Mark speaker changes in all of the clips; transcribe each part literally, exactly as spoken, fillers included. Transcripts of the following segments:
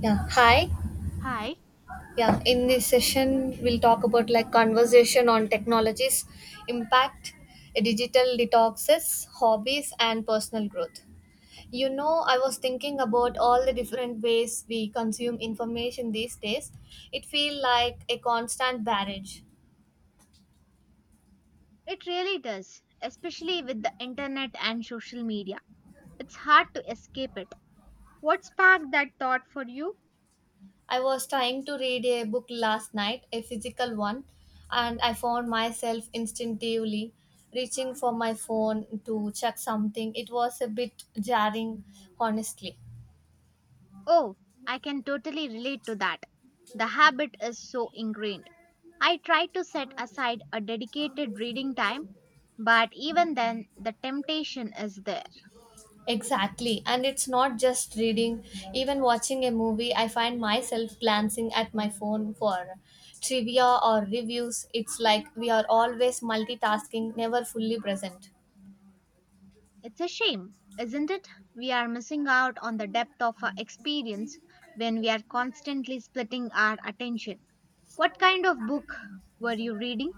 Speaker 1: Yeah, hi.
Speaker 2: Hi,
Speaker 1: Yeah, in this session, we'll talk about like conversation on technology's impact, digital detoxes, hobbies, and personal growth. You know, I was thinking about all the different ways we consume information these days. It feels like a constant barrage.
Speaker 2: it really does, especially with the internet and social media. It's hard to escape it. What sparked that thought for you?
Speaker 1: I was trying to read a book last night, a physical one, and I found myself instinctively reaching for my phone to check something. It was a bit jarring, honestly.
Speaker 2: Oh, I can totally relate to that. The habit is so ingrained. I try to set aside a dedicated reading time, but even then, the temptation is there.
Speaker 1: Exactly. And it's not just reading, even watching a movie, I find myself glancing at my phone for trivia or reviews. It's like we are always multitasking, never fully present.
Speaker 2: It's a shame, isn't it? We are missing out on the depth of our experience when we are constantly splitting our attention. What kind of book were you reading?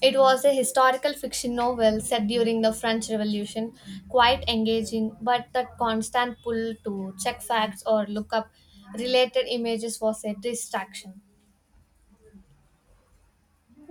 Speaker 1: It was a historical fiction novel set during the French Revolution, quite engaging, but that constant pull to check facts or look up related images was a distraction.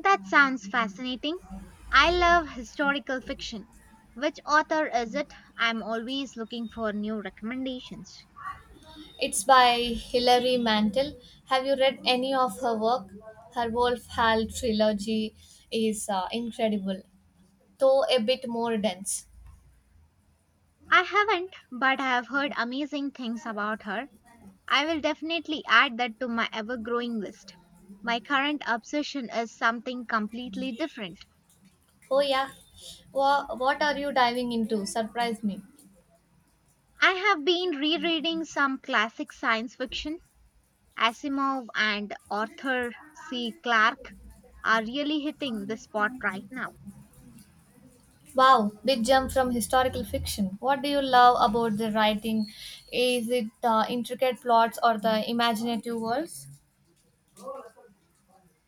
Speaker 2: That sounds fascinating. I love historical fiction. Which author is it? I'm always looking for new recommendations.
Speaker 1: It's by Hilary Mantel. Have you read any of her work? Her Wolf Hall trilogy is uh, incredible, though a bit more dense.
Speaker 2: I haven't, but I have heard amazing things about her. I will definitely add that to my ever growing list. My current obsession is something completely different.
Speaker 1: Oh, yeah. Wha what are you diving into? Surprise me.
Speaker 2: I have been rereading some classic science fiction. Asimov and Arthur C. Clarke are really hitting the spot right now.
Speaker 1: Wow, big jump from historical fiction. What do you love about the writing? Is it uh, intricate plots or the imaginative worlds?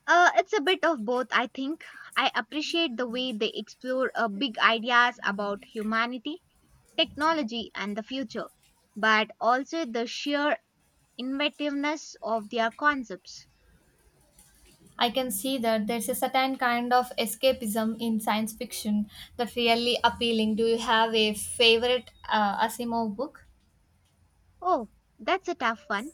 Speaker 2: Uh, it's a bit of both, I think. I appreciate the way they explore uh, big ideas about humanity, technology, and the future, but also the sheer inventiveness of their concepts.
Speaker 1: I can see that there's a certain kind of escapism in science fiction that's really appealing. Do you have a favorite uh, Asimov book?
Speaker 2: Oh, that's a tough one.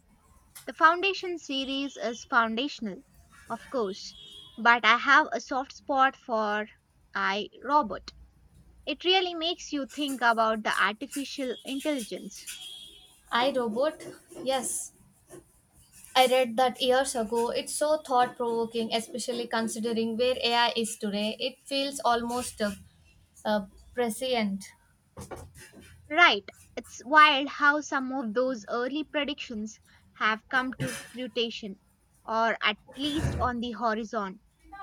Speaker 2: The Foundation series is foundational, of course, but I have a soft spot for I, Robot. It really makes you think about the artificial intelligence.
Speaker 1: I Robot? Yes. I read that years ago. It's so thought provoking, especially considering where A I is today. It feels almost uh, uh, prescient.
Speaker 2: Right. It's wild how some of those early predictions have come to fruition, or at least on the horizon.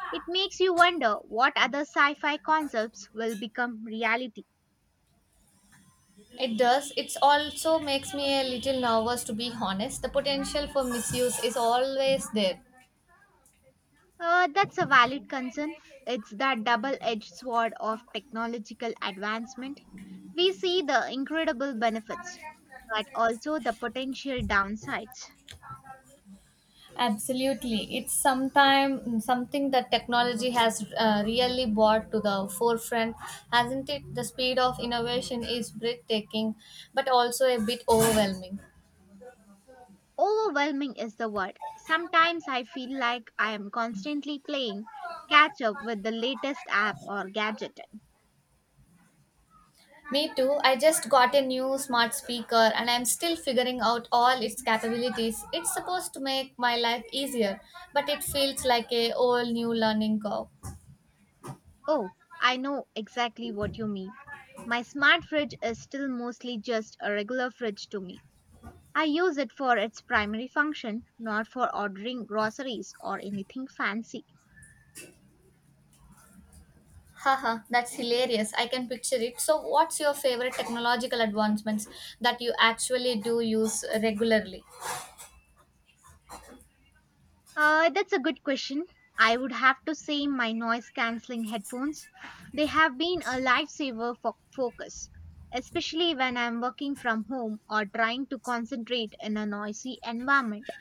Speaker 2: It makes you wonder what other sci fi concepts will become reality.
Speaker 1: It does. It also makes me a little nervous, to be honest. The potential for misuse is always there.
Speaker 2: Uh, that's a valid concern. It's that double edged sword of technological advancement. We see the incredible benefits, but also the potential downsides.
Speaker 1: Absolutely. It's sometime something that technology has uh, really brought to the forefront, hasn't it? The speed of innovation is breathtaking, but also a bit overwhelming.
Speaker 2: Overwhelming is the word. Sometimes I feel like I am constantly playing catch up with the latest app or gadget.
Speaker 1: Me too. I just got a new smart speaker and I'm still figuring out all its capabilities. It's supposed to make my life easier, but it feels like a whole new learning curve.
Speaker 2: Oh, I know exactly what you mean. My smart fridge is still mostly just a regular fridge to me. I use it for its primary function, not for ordering groceries or anything fancy.
Speaker 1: Haha, that's hilarious. I can picture it. So, what's your favorite technological advancements that you actually do use regularly?
Speaker 2: Uh, that's a good question. I would have to say my noise cancelling headphones. They have been a lifesaver for focus, especially when I'm working from home or trying to concentrate in a noisy environment.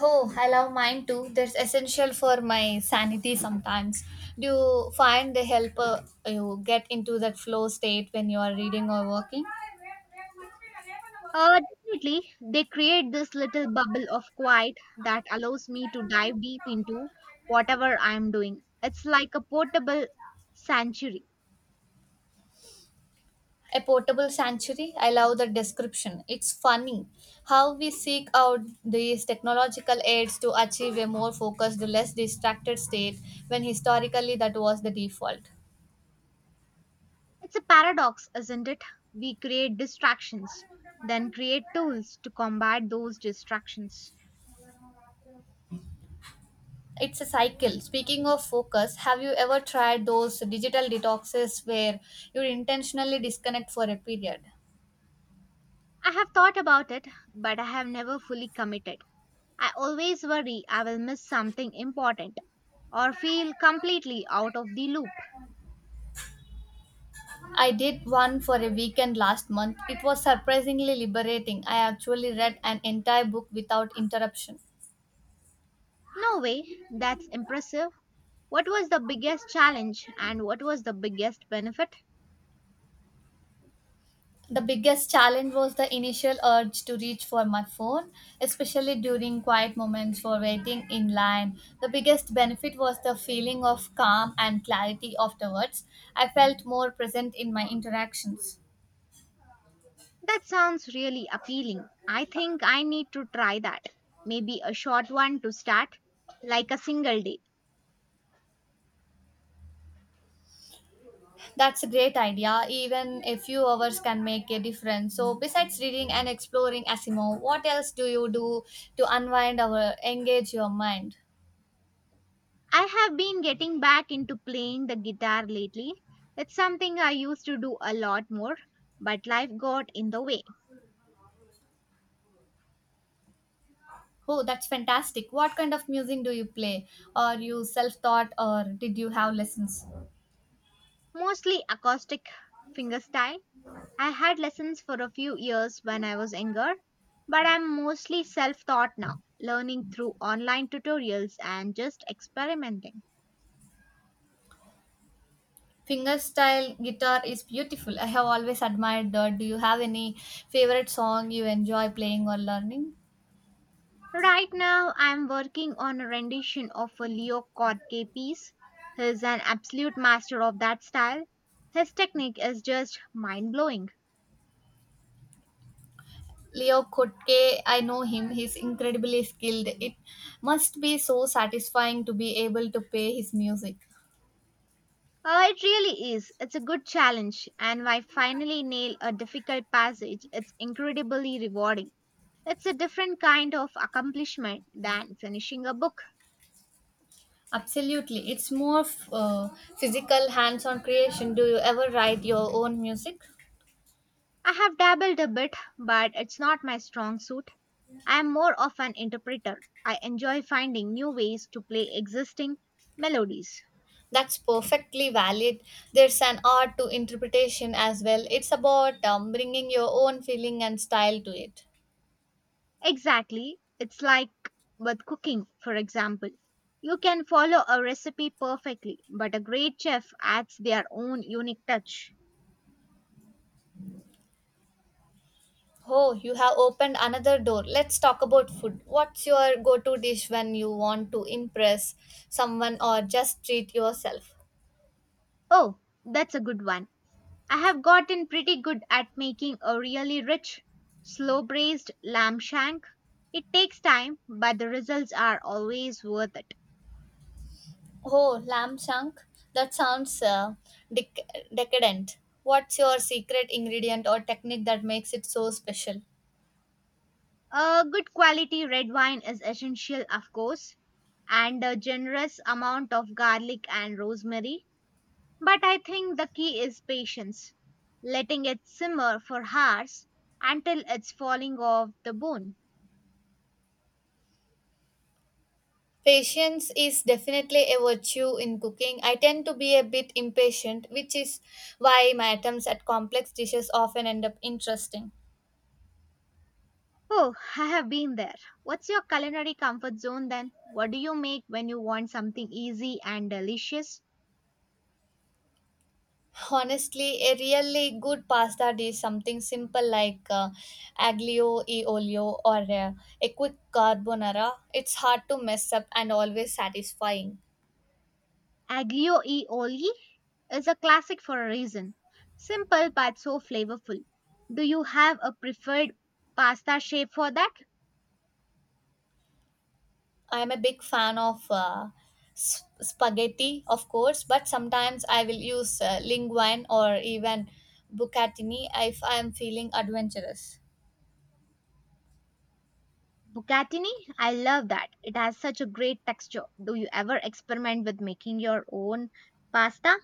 Speaker 1: Oh, I love mine too. They're essential for my sanity sometimes. Do you find they help uh, you get into that flow state when you are reading or working?
Speaker 2: Uh, definitely, they create this little bubble of quiet that allows me to dive deep into whatever I'm doing. It's like a portable sanctuary.
Speaker 1: A portable sanctuary. I love the description. It's funny how we seek out these technological aids to achieve a more focused, less distracted state when historically that was the default.
Speaker 2: It's a paradox, isn't it? We create distractions, then create tools to combat those distractions.
Speaker 1: It's a cycle. Speaking of focus, have you ever tried those digital detoxes where you intentionally disconnect for a period?
Speaker 2: I have thought about it, but I have never fully committed. I always worry I will miss something important or feel completely out of the loop.
Speaker 1: I did one for a weekend last month. It was surprisingly liberating. I actually read an entire book without interruption.
Speaker 2: No way, that's impressive. What was the biggest challenge and what was the biggest benefit?
Speaker 1: The biggest challenge was the initial urge to reach for my phone, especially during quiet moments for waiting in line. The biggest benefit was the feeling of calm and clarity afterwards. I felt more present in my interactions.
Speaker 2: That sounds really appealing. I think I need to try that. Maybe a short one to start, like a single day.
Speaker 1: That's a great idea. Even a few hours can make a difference. So, besides reading and exploring Asimo, what else do you do to unwind or engage your mind?
Speaker 2: I have been getting back into playing the guitar lately. It's something I used to do a lot more, but life got in the way.
Speaker 1: Oh, that's fantastic. What kind of music do you play? Are you self taught or did you have lessons?
Speaker 2: Mostly acoustic fingerstyle. I had lessons for a few years when I was younger, but I'm mostly self taught now, learning through online tutorials and just experimenting.
Speaker 1: Fingerstyle guitar is beautiful. I have always admired that. Do you have any favorite song you enjoy playing or learning?
Speaker 2: Right now, I'm working on a rendition of a Leo Kottke piece. He's an absolute master of that style. His technique is just mind blowing.
Speaker 1: Leo Kottke, I know him. He's incredibly skilled. It must be so satisfying to be able to play his music.
Speaker 2: Uh, it really is. It's a good challenge, and I finally nail a difficult passage. It's incredibly rewarding. It's a different kind of accomplishment than finishing a book.
Speaker 1: Absolutely. It's more uh, physical, hands on creation. Do you ever write your own music?
Speaker 2: I have dabbled a bit, but it's not my strong suit. I am more of an interpreter. I enjoy finding new ways to play existing melodies.
Speaker 1: That's perfectly valid. There's an art to interpretation as well. It's about um, bringing your own feeling and style to it.
Speaker 2: Exactly. It's like with cooking, for example. You can follow a recipe perfectly, but a great chef adds their own unique touch.
Speaker 1: Oh, you have opened another door. Let's talk about food. What's your go-to dish when you want to impress someone or just treat yourself?
Speaker 2: Oh, that's a good one. I have gotten pretty good at making a really rich, slow braised lamb shank. It takes time, but the results are always worth it.
Speaker 1: Oh, lamb chunk, that sounds uh, dec- decadent. What's your secret ingredient or technique that makes it so special?
Speaker 2: A good quality red wine is essential, of course, and a generous amount of garlic and rosemary. But I think the key is patience, letting it simmer for hours until it's falling off the bone.
Speaker 1: Patience is definitely a virtue in cooking. I tend to be a bit impatient, which is why my attempts at complex dishes often end up interesting.
Speaker 2: Oh, I have been there. What's your culinary comfort zone then? What do you make when you want something easy and delicious?
Speaker 1: Honestly, a really good pasta dish, something simple like uh, aglio e olio or uh, a quick carbonara, it's hard to mess up and always satisfying.
Speaker 2: Aglio e olio is a classic for a reason. Simple but so flavorful. Do you have a preferred pasta shape for that?
Speaker 1: I'm a big fan of uh, s- spaghetti, of course, but sometimes I will use uh, linguine or even bucatini if I am feeling adventurous.
Speaker 2: Bucatini, I love that. It has such a great texture. Do you ever experiment with making your own pasta?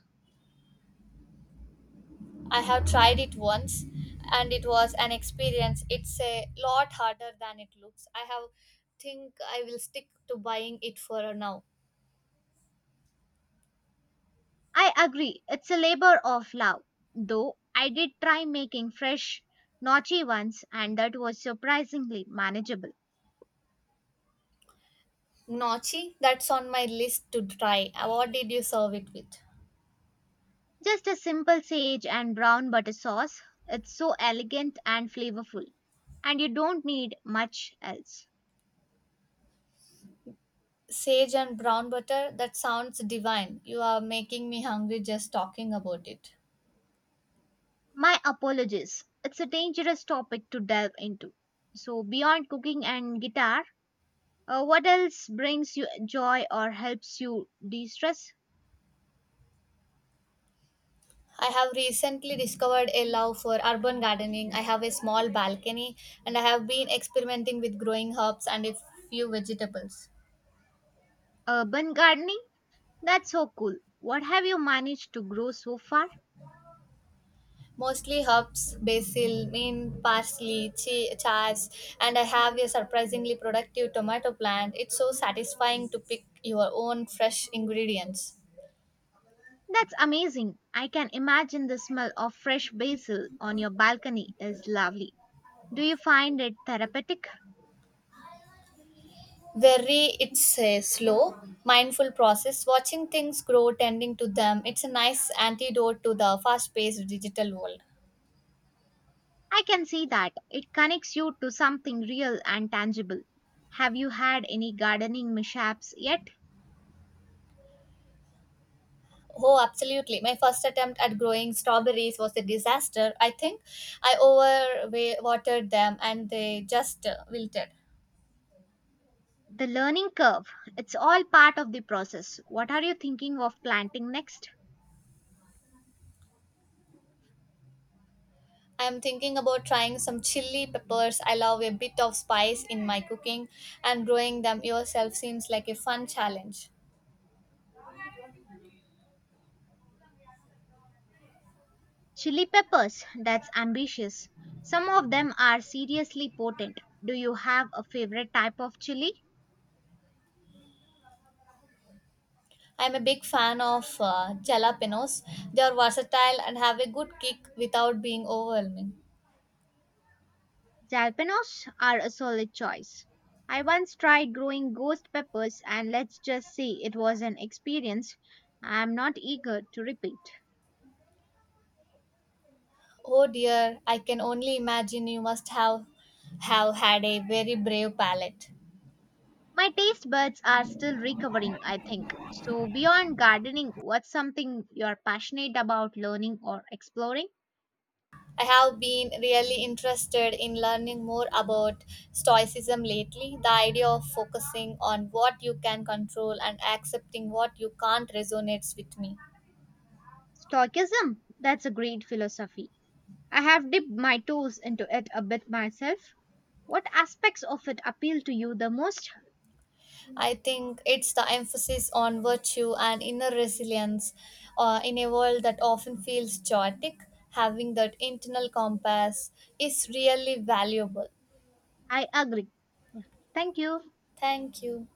Speaker 1: I have tried it once and it was an experience. It's a lot harder than it looks. I have think I will stick to buying it for now.
Speaker 2: I agree. It's a labor of love. Though I did try making fresh gnocchi once and that was surprisingly manageable.
Speaker 1: Gnocchi, that's on my list to try. Uh, What did you serve it with?
Speaker 2: Just a simple sage and brown butter sauce. It's so elegant and flavorful. And you don't need much else.
Speaker 1: Sage and brown butter, that sounds divine. You are making me hungry just talking about it.
Speaker 2: My apologies. It's a dangerous topic to delve into. So, beyond cooking and guitar, uh, what else brings you joy or helps you de stress?
Speaker 1: I have recently discovered a love for urban gardening. I have a small balcony and I have been experimenting with growing herbs and a few vegetables.
Speaker 2: Urban gardening? That's so cool. What have you managed to grow so far?
Speaker 1: Mostly herbs, basil, mint, parsley, chi- chives, and I have a surprisingly productive tomato plant. It's so satisfying to pick your own fresh ingredients.
Speaker 2: That's amazing. I can imagine the smell of fresh basil on your balcony is lovely. Do you find it therapeutic?
Speaker 1: Very, it's a slow, mindful process. Watching things grow, tending to them, it's a nice antidote to the fast paced digital world.
Speaker 2: I can see that. It connects you to something real and tangible. Have you had any gardening mishaps yet?
Speaker 1: Oh, absolutely. My first attempt at growing strawberries was a disaster. I think I overwatered them and they just uh, wilted.
Speaker 2: The learning curve, it's all part of the process. What are you thinking of planting next?
Speaker 1: I am thinking about trying some chili peppers. I love a bit of spice in my cooking, and growing them yourself seems like a fun challenge.
Speaker 2: Chili peppers, that's ambitious. Some of them are seriously potent. Do you have a favorite type of chili?
Speaker 1: I am a big fan of uh, jalapenos. They are versatile and have a good kick without being overwhelming.
Speaker 2: Jalapenos are a solid choice. I once tried growing ghost peppers, and let's just say it was an experience I am not eager to repeat.
Speaker 1: Oh dear, I can only imagine you must have have had a very brave palate.
Speaker 2: My taste buds are still recovering, I think. So, beyond gardening, what's something you're passionate about learning or exploring?
Speaker 1: I have been really interested in learning more about Stoicism lately. The idea of focusing on what you can control and accepting what you can't resonates with me.
Speaker 2: Stoicism. That's a great philosophy. I have dipped my toes into it a bit myself. What aspects of it appeal to you the most?
Speaker 1: I think it's the emphasis on virtue and inner resilience uh, in a world that often feels chaotic. Having that internal compass is really valuable.
Speaker 2: I agree. Thank you.
Speaker 1: Thank you.